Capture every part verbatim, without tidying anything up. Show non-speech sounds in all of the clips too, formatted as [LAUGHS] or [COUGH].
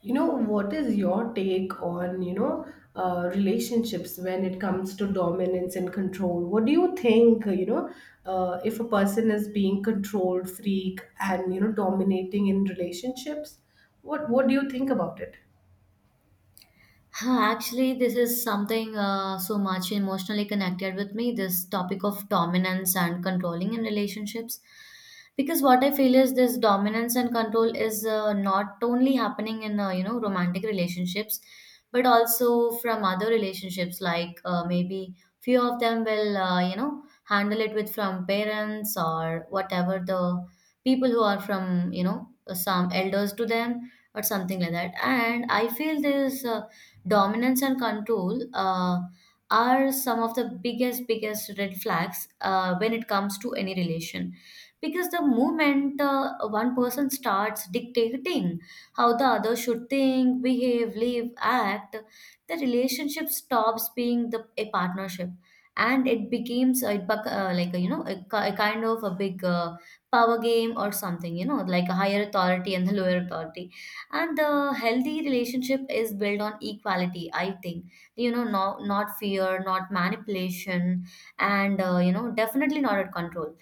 You know, what is your take on you know, uh, relationships when it comes to dominance and control? What do you think, you know, uh, if a person is being controlled freak and, you know, dominating in relationships? What what do you think about it? Huh, Actually, this is something uh, so much emotionally connected with me, this topic of dominance and controlling in relationships. Because what I feel is this dominance and control is uh, not only happening in uh, you know romantic relationships, but also from other relationships. Like uh, maybe few of them will uh, you know handle it with from parents or whatever the people who are from you know some elders to them or something like that. And I feel this. Uh, dominance and control uh, are some of the biggest biggest red flags uh, when it comes to any relation because the moment uh, one person starts dictating how the other should think, behave, live, act, the relationship stops being the a partnership and it becomes a, bec- uh, like a, you know a, ki- a kind of a big uh, power game or something, you know, like a higher authority and the lower authority. And the healthy relationship is built on equality, I think, you know. No, not fear, not manipulation, and uh, you know definitely not at control.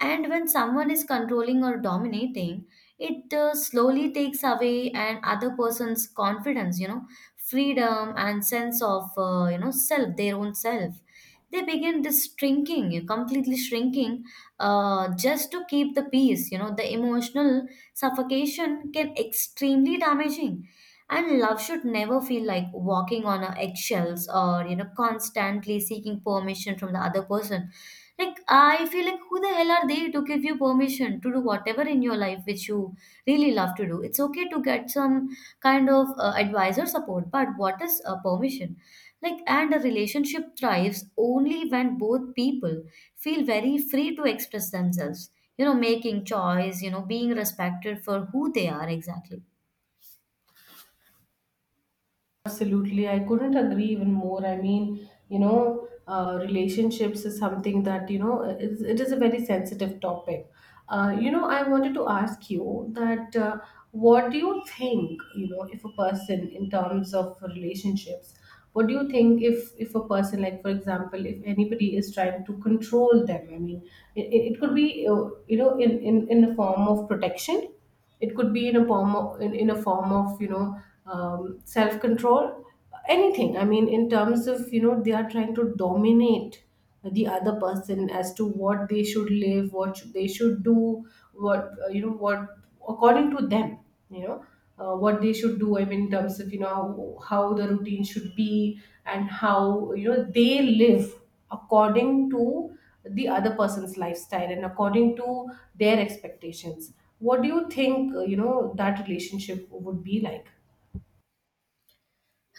And when someone is controlling or dominating, it uh, slowly takes away an other person's confidence, you know, freedom and sense of, uh, you know, self, their own self. They begin this shrinking, completely shrinking, uh, just to keep the peace. You know, the emotional suffocation can extremely damaging, and love should never feel like walking on a eggshells or, you know, constantly seeking permission from the other person. Like, I feel like who the hell are they to give you permission to do whatever in your life which you really love to do? It's okay to get some kind of uh, advice or support, but what is a permission? Like, and a relationship thrives only when both people feel very free to express themselves, you know, making choice, you know, being respected for who they are exactly. Absolutely, I couldn't agree even more. I mean, you know, uh, relationships is something that you know it is, it is a very sensitive topic. Uh, you know, I wanted to ask you that, uh, what do you think? You know, if a person, in terms of relationships, what do you think if if a person, like for example, if anybody is trying to control them? I mean, it, it it could be, uh, you know in, in in a form of protection, it could be in a form of, in, in a form of, you know um, self control, anything. I mean, in terms of, you know they are trying to dominate the other person as to what they should live, what should, they should do, what uh, you know what according to them, you know uh, what they should do. I mean, in terms of, you know how the routine should be, and how, you know they live according to the other person's lifestyle and according to their expectations. What do you think, uh, you know that relationship would be like?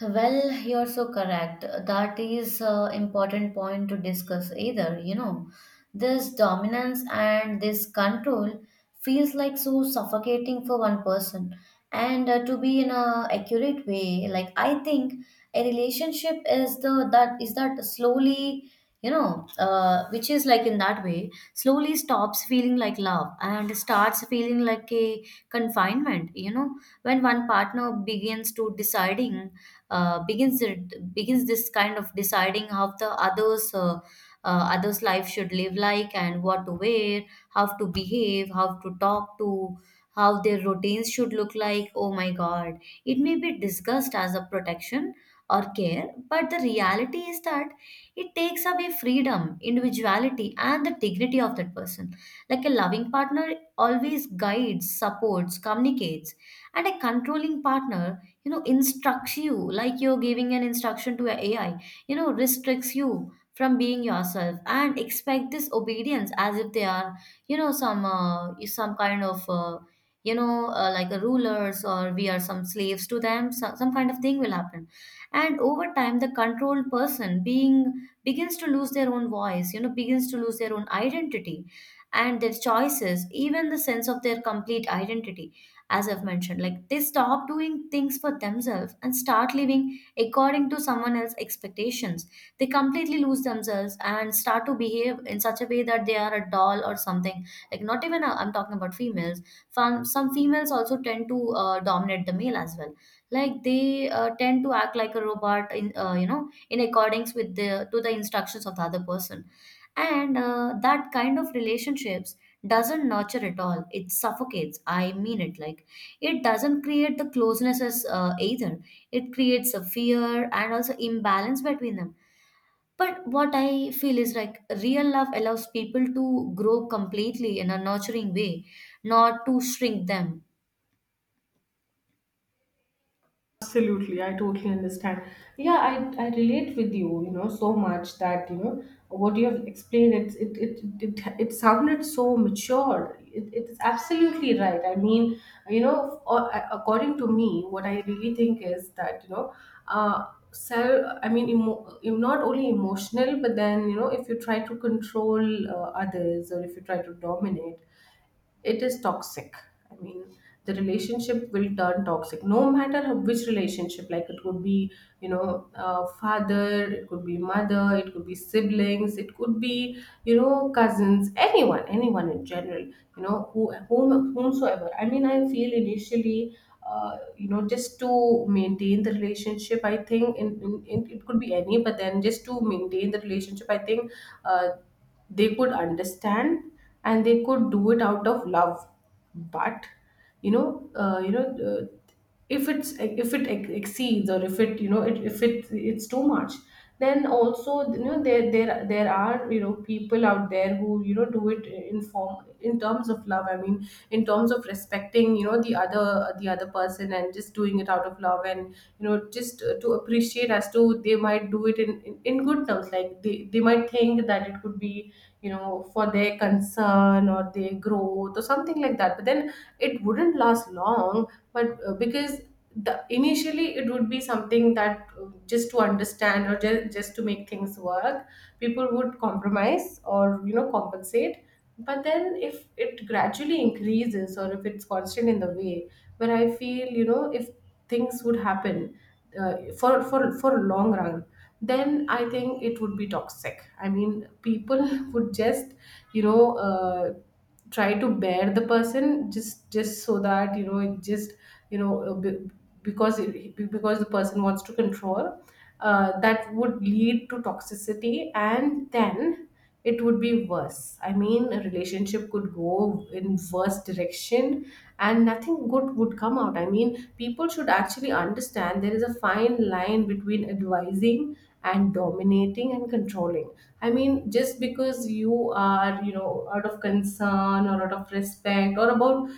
Well, you're so correct. That is an important point to discuss either, you know. This dominance and this control feels like so suffocating for one person. And uh, to be in a accurate way, like I think a relationship is the that is that slowly, you know, uh, which is like in that way, slowly stops feeling like love and starts feeling like a confinement, you know, when one partner begins to deciding uh, begins it begins this kind of deciding how the others uh, uh, others life should live like, and what to wear, how to behave, how to talk to, how their routines should look like. Oh my god, it may be discussed as a protection or care, but the reality is that it takes away freedom, individuality and the dignity of that person. Like a loving partner always guides, supports, communicates, and a controlling partner, you know, instructs you, like you're giving an instruction to a AI, you know, restricts you from being yourself and expect this obedience as if they are, you know, some uh, some kind of uh, you know uh, like a rulers, or we are some slaves to them, some, some kind of thing will happen. And over time the controlled person being begins to lose their own voice, you know, begins to lose their own identity and their choices, even the sense of their complete identity, as I've mentioned. Like they stop doing things for themselves and start living according to someone else's expectations. They completely lose themselves and start to behave in such a way that they are a doll or something. Like, not even i I'm talking about females. From some females also tend to uh, dominate the male as well. Like they uh, tend to act like a robot in uh, you know in accordance with the to the instructions of the other person, and uh, that kind of relationships doesn't nurture at all, it suffocates. I mean, it like, it doesn't create the closeness as uh, either. It creates a fear and also imbalance between them. But what I feel is like real love allows people to grow completely in a nurturing way, not to shrink them. Absolutely, I totally understand. Yeah, I, I relate with you, you know, so much that, you know, what you have explained, it it it it, it sounded so mature. It, it is absolutely right. I mean, you know, a- according to me, what I really think is that, you know, uh, self, I mean, emo, not only emotional, but then, you know, if you try to control, uh, others, or if you try to dominate, it is toxic. I mean, the relationship will turn toxic, no matter how- which relationship, like it could be, you know, uh, father, it could be mother, it could be siblings, it could be, you know, cousins, anyone anyone in general, you know, who whom, whomsoever. I mean, I feel initially, uh, you know, just to maintain the relationship, I think, in, in, in it could be any, but then just to maintain the relationship, I think, uh, they could understand and they could do it out of love. But, you know uh, you know uh, if it's if it ex- exceeds, or if it, you know, it, if it it's too much, then also, you know, there there there are, you know, people people out there who, you know, do it in form in terms of love. I mean, in terms of respecting, you know, the other the other person, and just doing it out of love, and, you know, just, uh, to appreciate as to, they might do it in in, in good terms. Like, they, they might think that it could be, you know, for their concern or their growth or something like that, but then it wouldn't last long. But, uh, because the, initially it would be something that, uh, just to understand, or just, just to make things work, people would compromise or, you know, compensate. But then, if it gradually increases or if it's constant in the way, where I feel, you know, if things would happen, uh, for for for a long run, then I think it would be toxic. I mean, people [LAUGHS] would just, you know, uh, try to bear the person, just just so that, you know, it just, you know, uh, be- because it, because the person wants to control, uh, that would lead to toxicity. And then it would be worse. I mean, a relationship could go in worse direction and nothing good would come out. I mean, people should actually understand, there is a fine line between advising and dominating and controlling. I mean, just because you are, you know, out of concern or out of respect, or about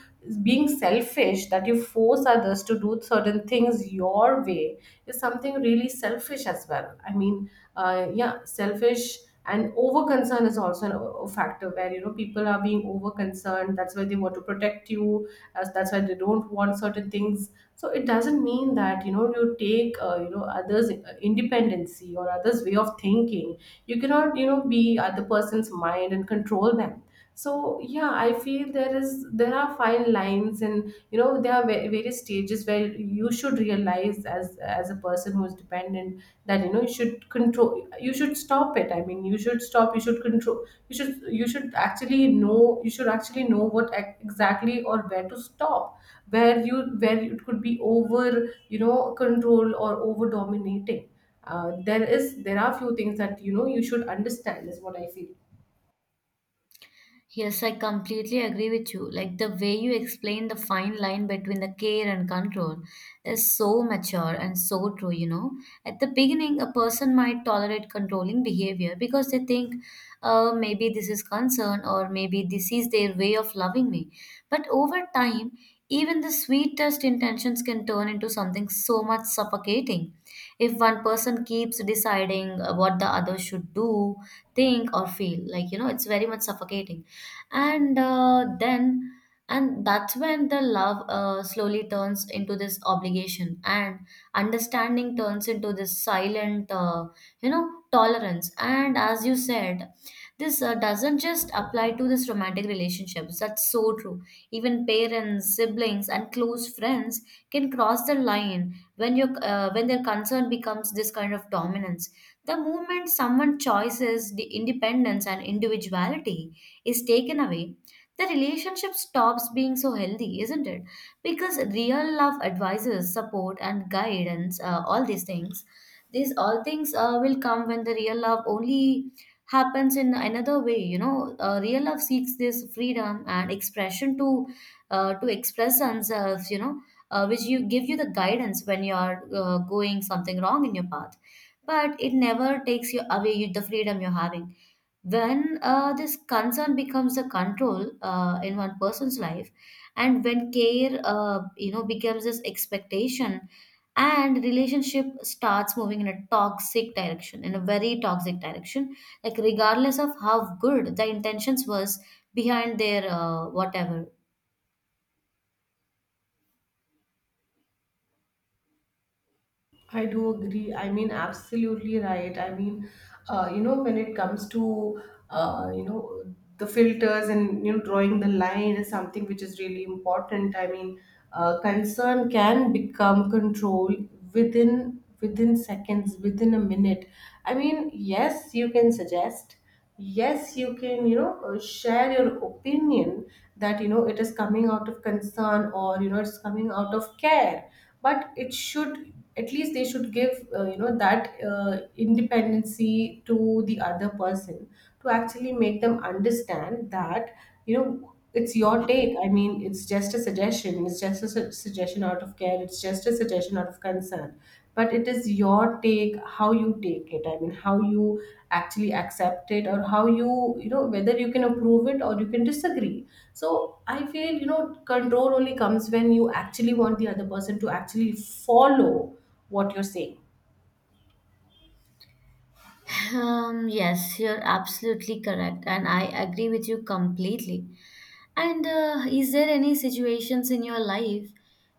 being selfish, that you force others to do certain things your way, is something really selfish as well. I mean, uh, yeah, selfish and over concern is also an, a factor, where, you know, people are being over concerned. That's why they want to protect you. as- That's why they don't want certain things. So it doesn't mean that, you know, you take, uh, you know, others' uh, independency or others' way of thinking. You cannot, you know, be other person's mind and control them. So yeah, I feel there is, there are fine lines, and you know, there are va- various stages where you should realize as, as a person who's dependent, that, you know, you should control, you should stop it. I mean, you should stop, you should control, you should you should actually know, you should actually know what ex- exactly, or where to stop, where you where it could be over, you know, control or over dominating. uh, there is, there are few things that, you know, you should understand, is what I feel. Yes, I completely agree with you. Like the way you explain the fine line between the care and control is so mature and so true, you know. At the beginning, a person might tolerate controlling behavior because they think, uh, maybe this is concern or maybe this is their way of loving me. But over time, even the sweetest intentions can turn into something so much suffocating. If one person keeps deciding uh, what the other should do, think, or feel, like, you know, it's very much suffocating and uh, then, and that's when the love uh, slowly turns into this obligation, and understanding turns into this silent uh, you know tolerance. And as you said, this uh, doesn't just apply to this romantic relationships, that's so true. Even parents, siblings and close friends can cross the line when you, uh, when their concern becomes this kind of dominance. The moment someone chooses the independence and individuality is taken away, the relationship stops being so healthy, isn't it? Because real love advises, support, and guidance, uh, all these things, these all things uh, will come when the real love only happens in another way. You know, uh, real love seeks this freedom and expression to uh, to express themselves. You know, uh, which you give you the guidance when you are uh, going something wrong in your path, but it never takes you away you, the freedom you're having, when uh, this concern becomes a control uh, in one person's life, and when care uh, you know becomes this expectation, and relationship starts moving in a toxic direction, in a very toxic direction, like regardless of how good the intentions was behind their uh, whatever. I do agree. I mean, absolutely right. I mean, uh, you know, when it comes to, uh, you know, the filters and, you know, drawing the line, is something which is really important. I mean, uh, concern can become control within within seconds, within a minute. I mean, yes, you can suggest. Yes, you can, you know, uh, share your opinion that, you know, it is coming out of concern, or, you know, it's coming out of care. But it should, at least they should give, uh, you know, that uh, independency to the other person, to actually make them understand that, you know, it's your take. I mean, it's just a suggestion, it's just a su- suggestion out of care, it's just a suggestion out of concern. But it is your take, how you take it. I mean, how you actually accept it, or how you you know whether you can approve it or you can disagree. So I feel, you know, control only comes when you actually want the other person to actually follow what you're saying. Um, yes, you're absolutely correct, and I agree with you completely. And uh, is there any situations in your life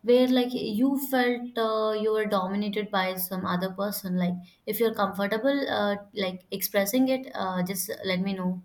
where like you felt uh, you were dominated by some other person? Like if you're comfortable uh, like expressing it, uh, just let me know.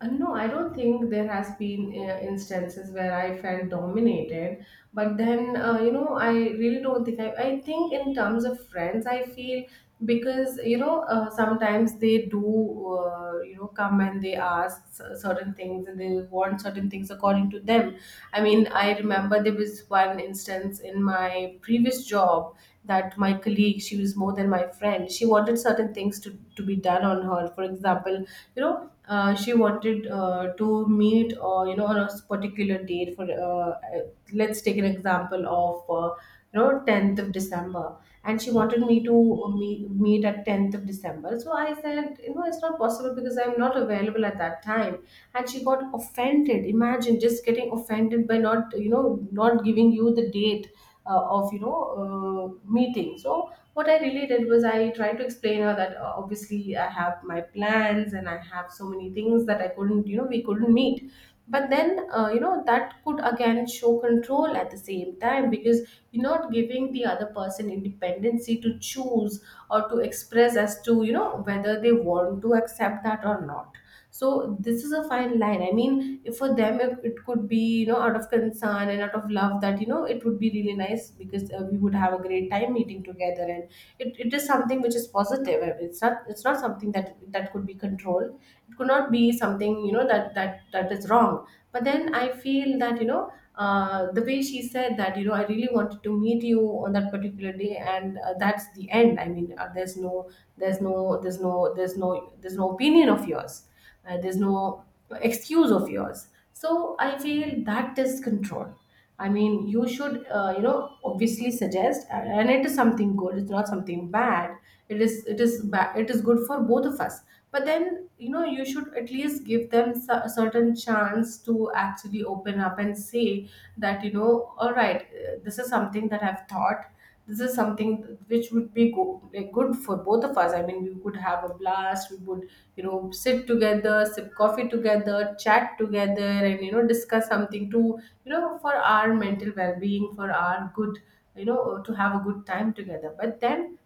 Uh, No, I don't think there has been, uh, instances where I felt dominated. But then, uh, you know, I really don't think, I, I think in terms of friends, I feel, because, you know, uh, sometimes they do, uh, you know, come and they ask c- certain things, and they want certain things according to them. I mean, I remember there was one instance in my previous job, that my colleague, she was more than my friend, she wanted certain things to, to be done on her. For example, you know, uh, she wanted, uh, to meet, or you know, on a particular date for, uh, uh, let's take an example of, uh, you know, tenth of December, and she wanted me to meet, meet at tenth of December. So I said, you know, it's not possible because I'm not available at that time, and she got offended. Imagine, just getting offended by not, you know, not giving you the date, uh, of, you know, uh, meeting. So what I really did was, I tried to explain her that, uh, obviously I have my plans, and I have so many things that I couldn't you know we couldn't meet. But then, uh, you know, that could again show control at the same time, because you're not giving the other person independency to choose or to express as to, you know, whether they want to accept that or not. So this is a fine line. I mean, if for them, it, it could be, you know, out of concern and out of love, that, you know, it would be really nice, because, uh, we would have a great time meeting together, and it, it is something which is positive. It's not, it's not something that that could be controlled. It could not be something, you know, that that that is wrong. But then I feel that, you know, uh, the way she said that, you know, I really wanted to meet you on that particular day, and, uh, that's the end. I mean, uh, there's no there's no there's no there's no there's no opinion of yours, uh, there's no excuse of yours. So I feel that is control. I mean, you should, uh, you know, obviously suggest, and it is something good. It's not something bad. It is, it is bad. It is good for both of us. But then, you know, you should at least give them a certain chance to actually open up and say that, you know, all right, uh, this is something that I've thought. This is something which would be go, like, good for both of us. I mean, we could have a blast. We would, you know, sit together, sip coffee together, chat together, and, you know, discuss something, to you know, for our mental well-being, for our good, you know, to have a good time together. But then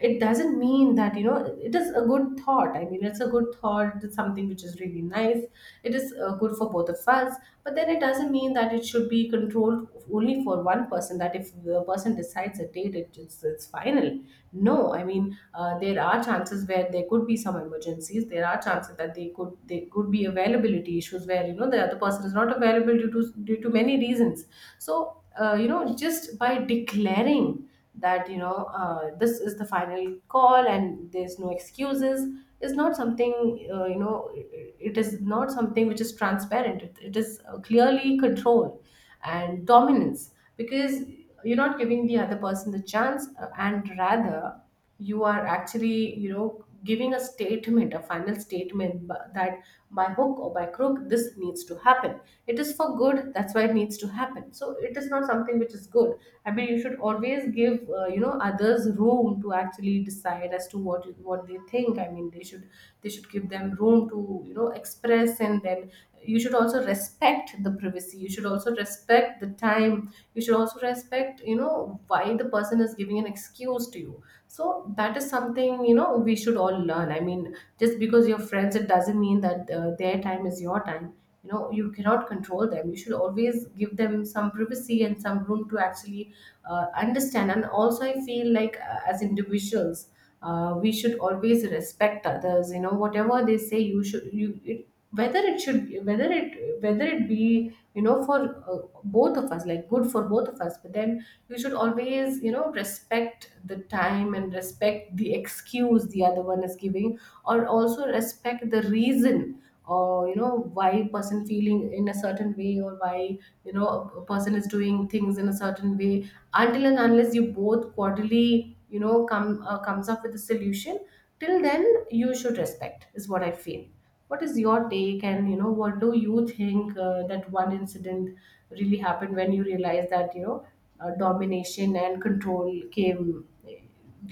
it doesn't mean that, you know, it is a good thought. I mean, it's a good thought. It's something which is really nice. It is uh, good for both of us, but then it doesn't mean that it should be controlled only for one person, that if the person decides a date it, it's, it's final. No, I mean, uh, there are chances where there could be some emergencies. There are chances that they could there could be availability issues where, you know, the other person is not available due to due to many reasons. So uh, you know, just by declaring that, you know, uh, this is the final call and there's no excuses, is not something, uh, you know, it it is not something which is transparent. It, it is uh, clearly control and dominance, because you're not giving the other person the chance, uh, and rather you are actually, you know, giving a statement, a final statement, bu- that by hook or by crook, this needs to happen. It is for good, that's why it needs to happen. So it is not something which is good. I mean, you should always give, uh, you know, others room to actually decide as to what what they think. I mean, they should they should give them room to, you know, express. And then you should also respect the privacy. You should also respect the time. You should also respect, you know, why the person is giving an excuse to you. So that is something, you know, we should all learn. I mean, just because your friends, it doesn't mean that uh, their time is your time. You know, you cannot control them. You should always give them some privacy and some room to actually, uh, understand. And also I feel like, uh, as individuals, uh, we should always respect others. You know, whatever they say, you should you it, whether it should whether it whether it be, you know, for uh, both of us, like good for both of us. But then you should always, you know, respect the time and respect the excuse the other one is giving, or also respect the reason, or you know why person feeling in a certain way, or why, you know, a person is doing things in a certain way, until and unless you both quarterly, you know, come uh, comes up with a solution. Till then you should respect, is what I feel. What is your take, and you know, what do you think? Uh, that one incident really happened when you realized that, you know, uh, domination and control came, eh,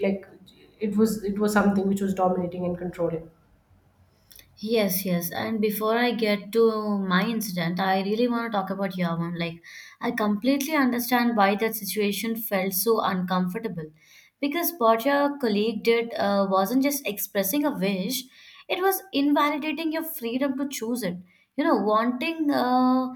like it was it was something which was dominating and controlling. Yes, yes. And before I get to my incident, I really want to talk about your one. Like, I completely understand why that situation felt so uncomfortable. Because what your colleague did uh, wasn't just expressing a wish, it was invalidating your freedom to choose it. You know, wanting uh,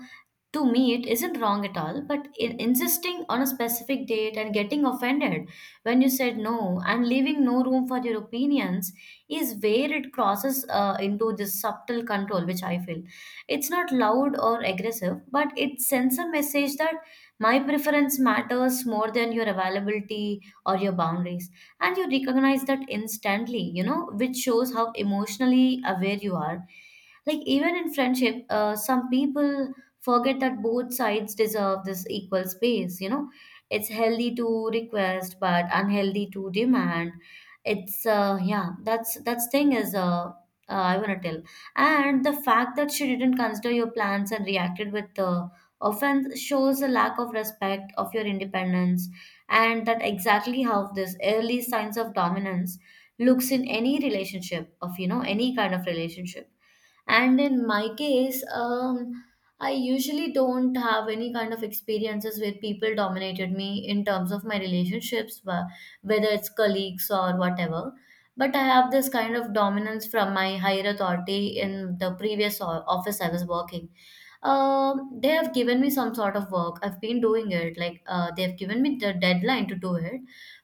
to meet isn't wrong at all, but in- insisting on a specific date and getting offended when you said no and leaving no room for your opinions is where it crosses uh, into this subtle control, which I feel. It's not loud or aggressive, but it sends a message that my preference matters more than your availability or your boundaries. And you recognize that instantly, you know, which shows how emotionally aware you are. Like even in friendship, uh, some people forget that both sides deserve this equal space, you know. It's healthy to request, but unhealthy to demand. It's uh, yeah, that's that's thing is uh, uh, I wanna tell. And the fact that she didn't consider your plans and reacted with uh, offense shows a lack of respect of your independence, and that exactly how this early signs of dominance looks in any relationship, of you know any kind of relationship. And in my case, um I usually don't have any kind of experiences where people dominated me in terms of my relationships, wh- whether it's colleagues or whatever. But I have this kind of dominance from my higher authority in the previous o- office I was working. Um, they have given me some sort of work. I've been doing it. Like uh, they have given me the deadline to do it.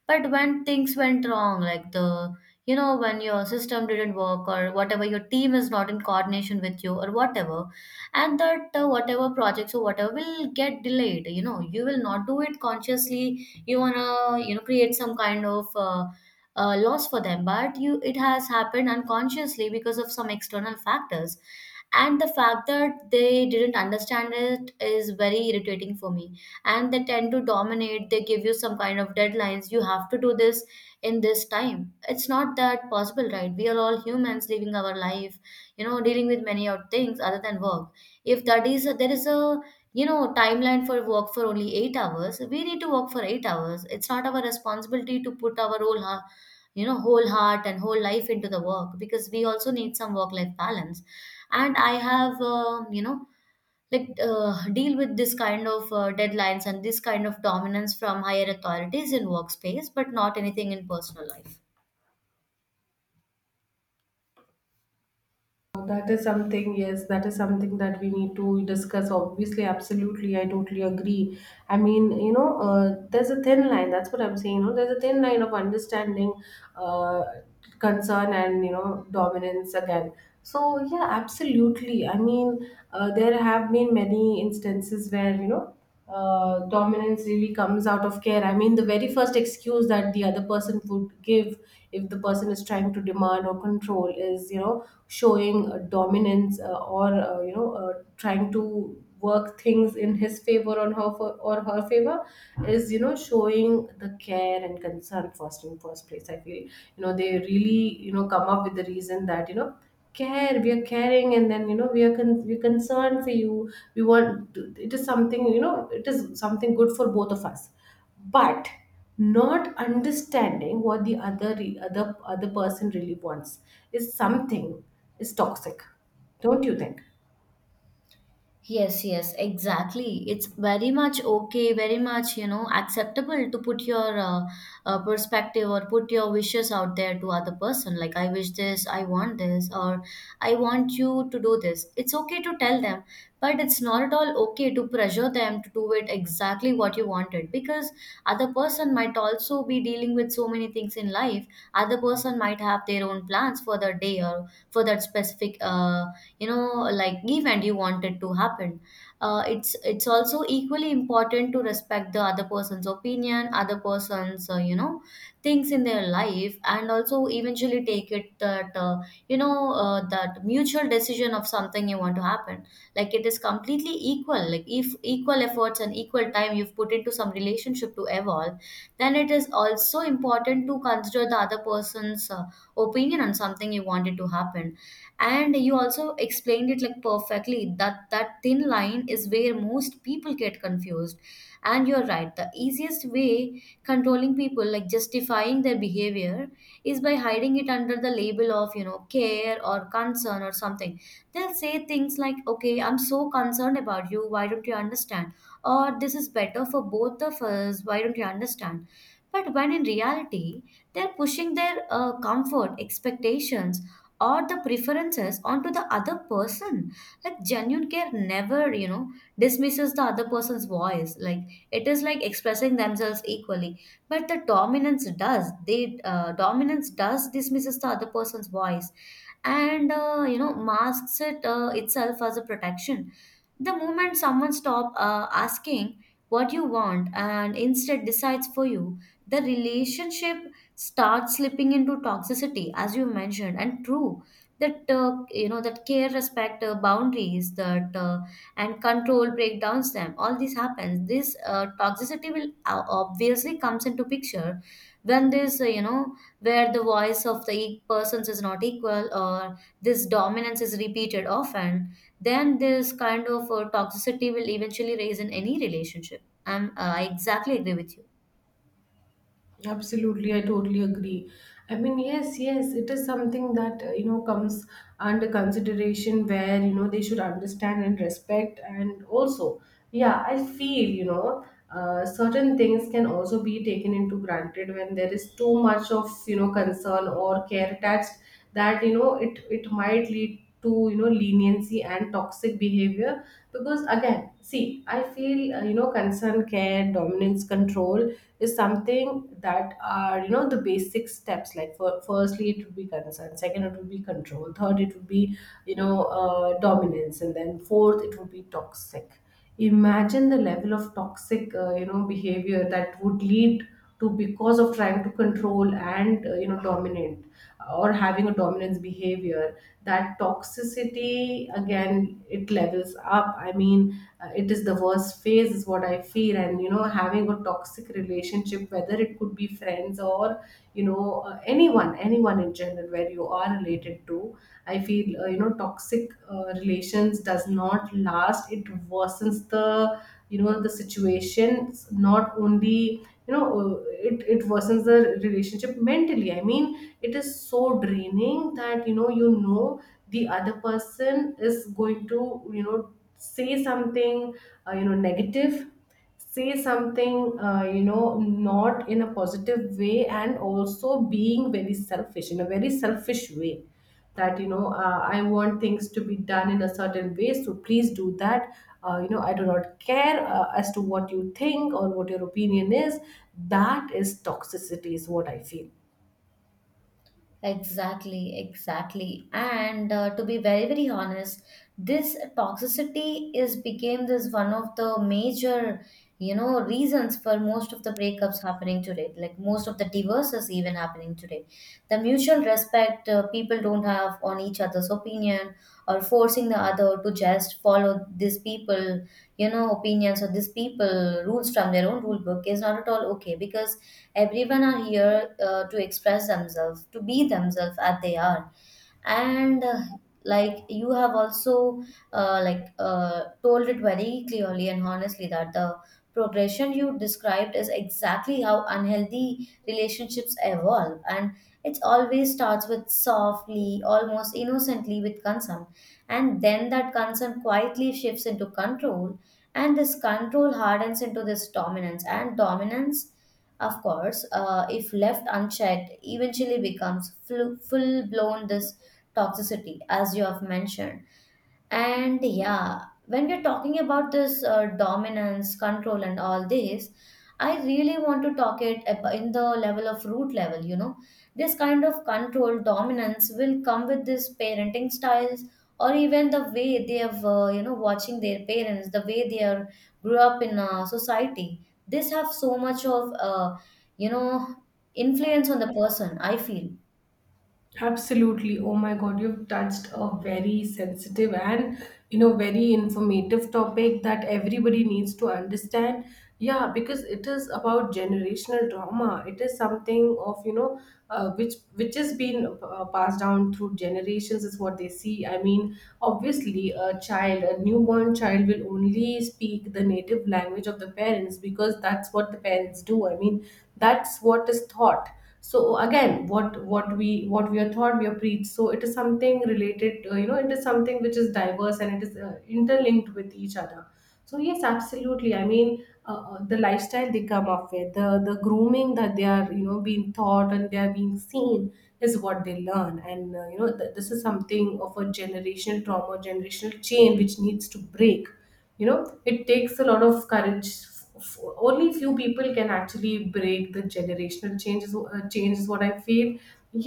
But when things went wrong, like the you know when your system didn't work or whatever, your team is not in coordination with you or whatever, and that uh, whatever projects or whatever will get delayed. You know, you will not do it consciously, you want to, you know, create some kind of uh, uh, loss for them, but you, it has happened unconsciously because of some external factors, and the fact that they didn't understand it is very irritating for me. And they tend to dominate, they give you some kind of deadlines, you have to do this in this time. It's not that possible, right? We are all humans living our life, you know, dealing with many other things other than work. If that is, there is a, you know, timeline for work for only eight hours, we need to work for eight hours. It's not our responsibility to put our whole heart, you know, whole heart and whole life into the work, because we also need some work life balance. And I have um, you know, like uh, deal with this kind of uh, deadlines and this kind of dominance from higher authorities in workspace, but not anything in personal life. That is something, yes, that is something that we need to discuss. Obviously, absolutely, I totally agree. I mean, you know, uh, there's a thin line. That's what I'm saying. You know, there's a thin line of understanding, uh, concern, and you know, dominance again. So yeah, absolutely. I mean, uh, there have been many instances where, you know, uh, dominance really comes out of care. I mean, the very first excuse that the other person would give, if the person is trying to demand or control, is, you know, showing uh, dominance, uh, or, uh, you know, uh, trying to work things in his favor on her for, or her favor, is, you know, showing the care and concern first in first place, I feel. You know, they really, you know, come up with the reason that, you know, care, we are caring, and then, you know, we are con- we're concerned for you, we want to, it is something, you know, it is something good for both of us. But not understanding what the other re- other other person really wants is something, is toxic. Don't you think? Yes, yes, exactly. It's very much okay, very much, you know, acceptable to put your uh, uh, perspective or put your wishes out there to other person. Like, I wish this, I want this, or I want you to do this. It's okay to tell them, but it's not at all okay to pressure them to do it exactly what you wanted because other person might also be dealing with so many things in life. Other person might have their own plans for the day or for that specific uh, you know like event you want it to happen. Uh, it's it's also equally important to respect the other person's opinion, other person's uh, you know things in their life, and also eventually take it that uh, you know uh, that mutual decision of something you want to happen. Like it is completely equal, like if equal efforts and equal time you've put into some relationship to evolve, then it is also important to consider the other person's uh, opinion on something you want it to happen. And you also explained it like perfectly that that thin line is where most people get confused, and you're right, the easiest way controlling people, like justifying their behavior, is by hiding it under the label of, you know, care or concern or something. They'll say things like, okay, I'm so concerned about you, why don't you understand, or this is better for both of us, why don't you understand. But when in reality they're pushing their uh, comfort expectations or the preferences onto the other person. Like genuine care never, you know, dismisses the other person's voice. Like it is like expressing themselves equally, but the dominance does, they uh, dominance does dismisses the other person's voice and uh, you know masks it uh, itself as a protection. The moment someone stop uh, asking what you want and instead decides for you, the relationship start slipping into toxicity, as you mentioned. And true that uh, you know that care, respect, uh, boundaries, that uh, and control breakdowns them, all this happens, this uh, toxicity will o- obviously comes into picture when this uh, you know where the voice of the e- persons is not equal, or this dominance is repeated often, then this kind of uh, toxicity will eventually raise in any relationship. I'm uh, i exactly agree with you. Absolutely, I totally agree. I mean, yes, yes, it is something that, uh, you know, comes under consideration where, you know, they should understand and respect. And also, yeah, I feel, you know, uh, certain things can also be taken into granted when there is too much of, you know, concern or care attached, that you know it it might lead lead to, you know, leniency and toxic behavior. Because again, see, I feel, uh, you know, concern, care, dominance, control, is something that are, you know, the basic steps. Like for, firstly, it would be concern, second it would be control, third it would be, you know, uh, dominance, and then fourth it would be toxic. Imagine the level of toxic, uh, you know, behavior that would lead to, because of trying to control and, uh, you know, dominate, uh, or having a dominance behavior, that toxicity again, it levels up. I mean, uh, it is the worst phase, is what I feel. And you know, having a toxic relationship, whether it could be friends or, you know, uh, anyone anyone in general where you are related to, I feel, uh, you know, toxic uh, relations does not last. It worsens the, you know, the situation. Not only, you know, uh, it, it worsens the relationship mentally. I mean, it is so draining that, you know you know the other person is going to, you know, say something, uh, you know, negative, say something, uh, you know, not in a positive way, and also being very selfish, in a very selfish way, that, you know, uh, I want things to be done in a certain way, so please do that. Uh, you know, I do not care, uh, as to what you think or what your opinion is. That is toxicity, is what I feel. Exactly, exactly. And uh, to be very, very honest, this toxicity is became this one of the major, you know, reasons for most of the breakups happening today. Like most of the divorces even happening today. The mutual respect, uh, people don't have on each other's opinion, or forcing the other to just follow these people, you know, opinions, or these people rules from their own rule book is not at all okay, because everyone are here uh, to express themselves, to be themselves as they are. And uh, like you have also uh, like uh, told it very clearly and honestly that the progression you described is exactly how unhealthy relationships evolve. And it always starts with softly, almost innocently, with concern, and then that concern quietly shifts into control, and this control hardens into this dominance, and dominance, of course, uh, if left unchecked, eventually becomes full blown this toxicity, as you have mentioned. And yeah, when we're talking about this uh, dominance, control, and all this, I really want to talk it ab- in the level of root level. You know, this kind of control, dominance will come with this parenting styles, or even the way they have, uh, you know, watching their parents, the way they are grew up in uh, society. This have so much of uh, you know influence on the person, I feel. Absolutely. Oh my God, you've touched a very sensitive and, you know, very informative topic that everybody needs to understand. Yeah, because it is about generational trauma. It is something of, you know, uh, which which has been uh, passed down through generations, is what they see. I mean, obviously, a child, a newborn child, will only speak the native language of the parents, because that's what the parents do. I mean, that's what is taught. So again, what what we what we are taught, we are preached. So it is something related, uh, you know, it is something which is diverse, and it is uh, interlinked with each other. So yes, absolutely. I mean, uh, uh, the lifestyle they come up with, the the grooming that they are, you know, being taught, and they are being seen, is what they learn. And uh, you know, th- this is something of a generational trauma, generational chain, which needs to break. You know, it takes a lot of courage. F- Only few people can actually break the generational changes uh, change, is what I feel.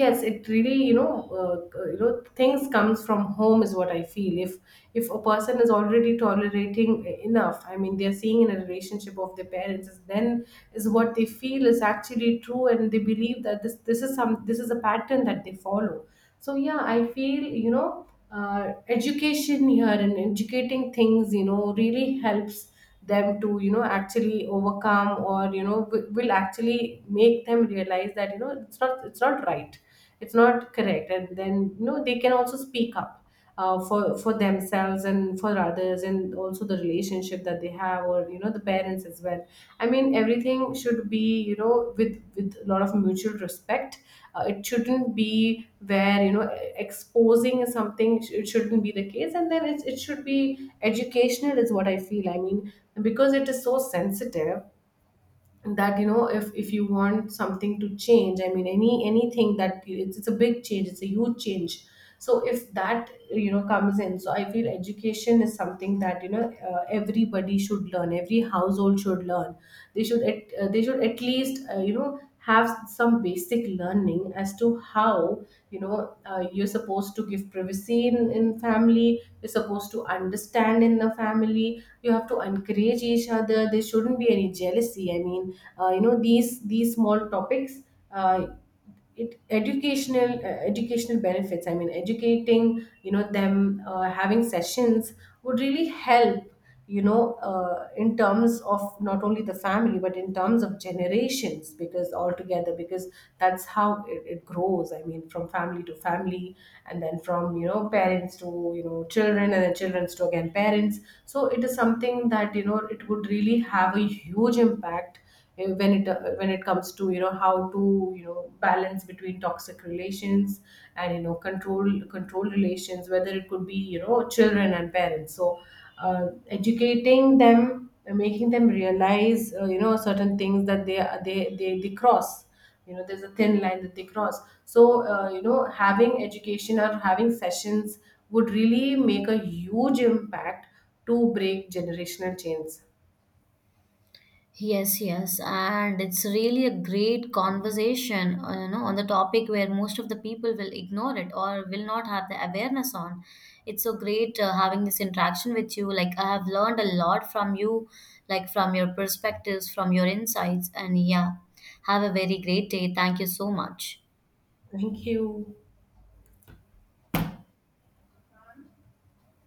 Yes, it really, you know, uh, uh, you know, things comes from home, is what I feel. if if a person is already tolerating e, enough, I mean, they're seeing in a relationship of their parents, is then, is what they feel is actually true, and they believe that this this is some, this is a pattern that they follow. So yeah, I feel, you know, uh, education here and educating things, you know, really helps them to, you know, actually overcome, or you know, w- will actually make them realize that, you know, it's not it's not right, it's not correct. And then, you know, they can also speak up, uh, for for themselves and for others, and also the relationship that they have, or you know, the parents as well. I mean, everything should be, you know, with with a lot of mutual respect. Uh, it shouldn't be where, you know, exposing is something, it shouldn't be the case. And then it, it should be educational, is what I feel. I mean, because it is so sensitive, that you know, if if you want something to change, I mean, any anything that, it's, it's a big change, it's a huge change. So if that, you know, comes in, so I feel education is something that, you know, uh, everybody should learn, every household should learn. They should at, uh, they should at least, uh, you know, have some basic learning as to how, you know, uh, you're supposed to give privacy in, in family, you're supposed to understand in the family, you have to encourage each other, there shouldn't be any jealousy. I mean, uh, you know, these these small topics, uh, it educational, uh, educational benefits, I mean, educating, you know, them, uh, having sessions would really help, you know, uh, in terms of not only the family, but in terms of generations because altogether, because that's how it, it grows. I mean, from family to family, and then from, you know, parents to, you know, children, and then children to again parents. So it is something that, you know, it would really have a huge impact, uh, when it uh, when it comes to, you know, how to, you know, balance between toxic relations and, you know, control control relations, whether it could be, you know, children and parents. So uh, educating them, uh, making them realize, uh, you know, certain things that they they they, they cross, you know, there's a thin line that they cross. So uh, you know, having education or having sessions would really make a huge impact to break generational chains. Yes, yes, and it's really a great conversation, uh, you know, on the topic where most of the people will ignore it or will not have the awareness on. It's so great uh, having this interaction with you. Like I have learned a lot from you, like from your perspectives, from your insights, and yeah, have a very great day. Thank you so much. Thank you.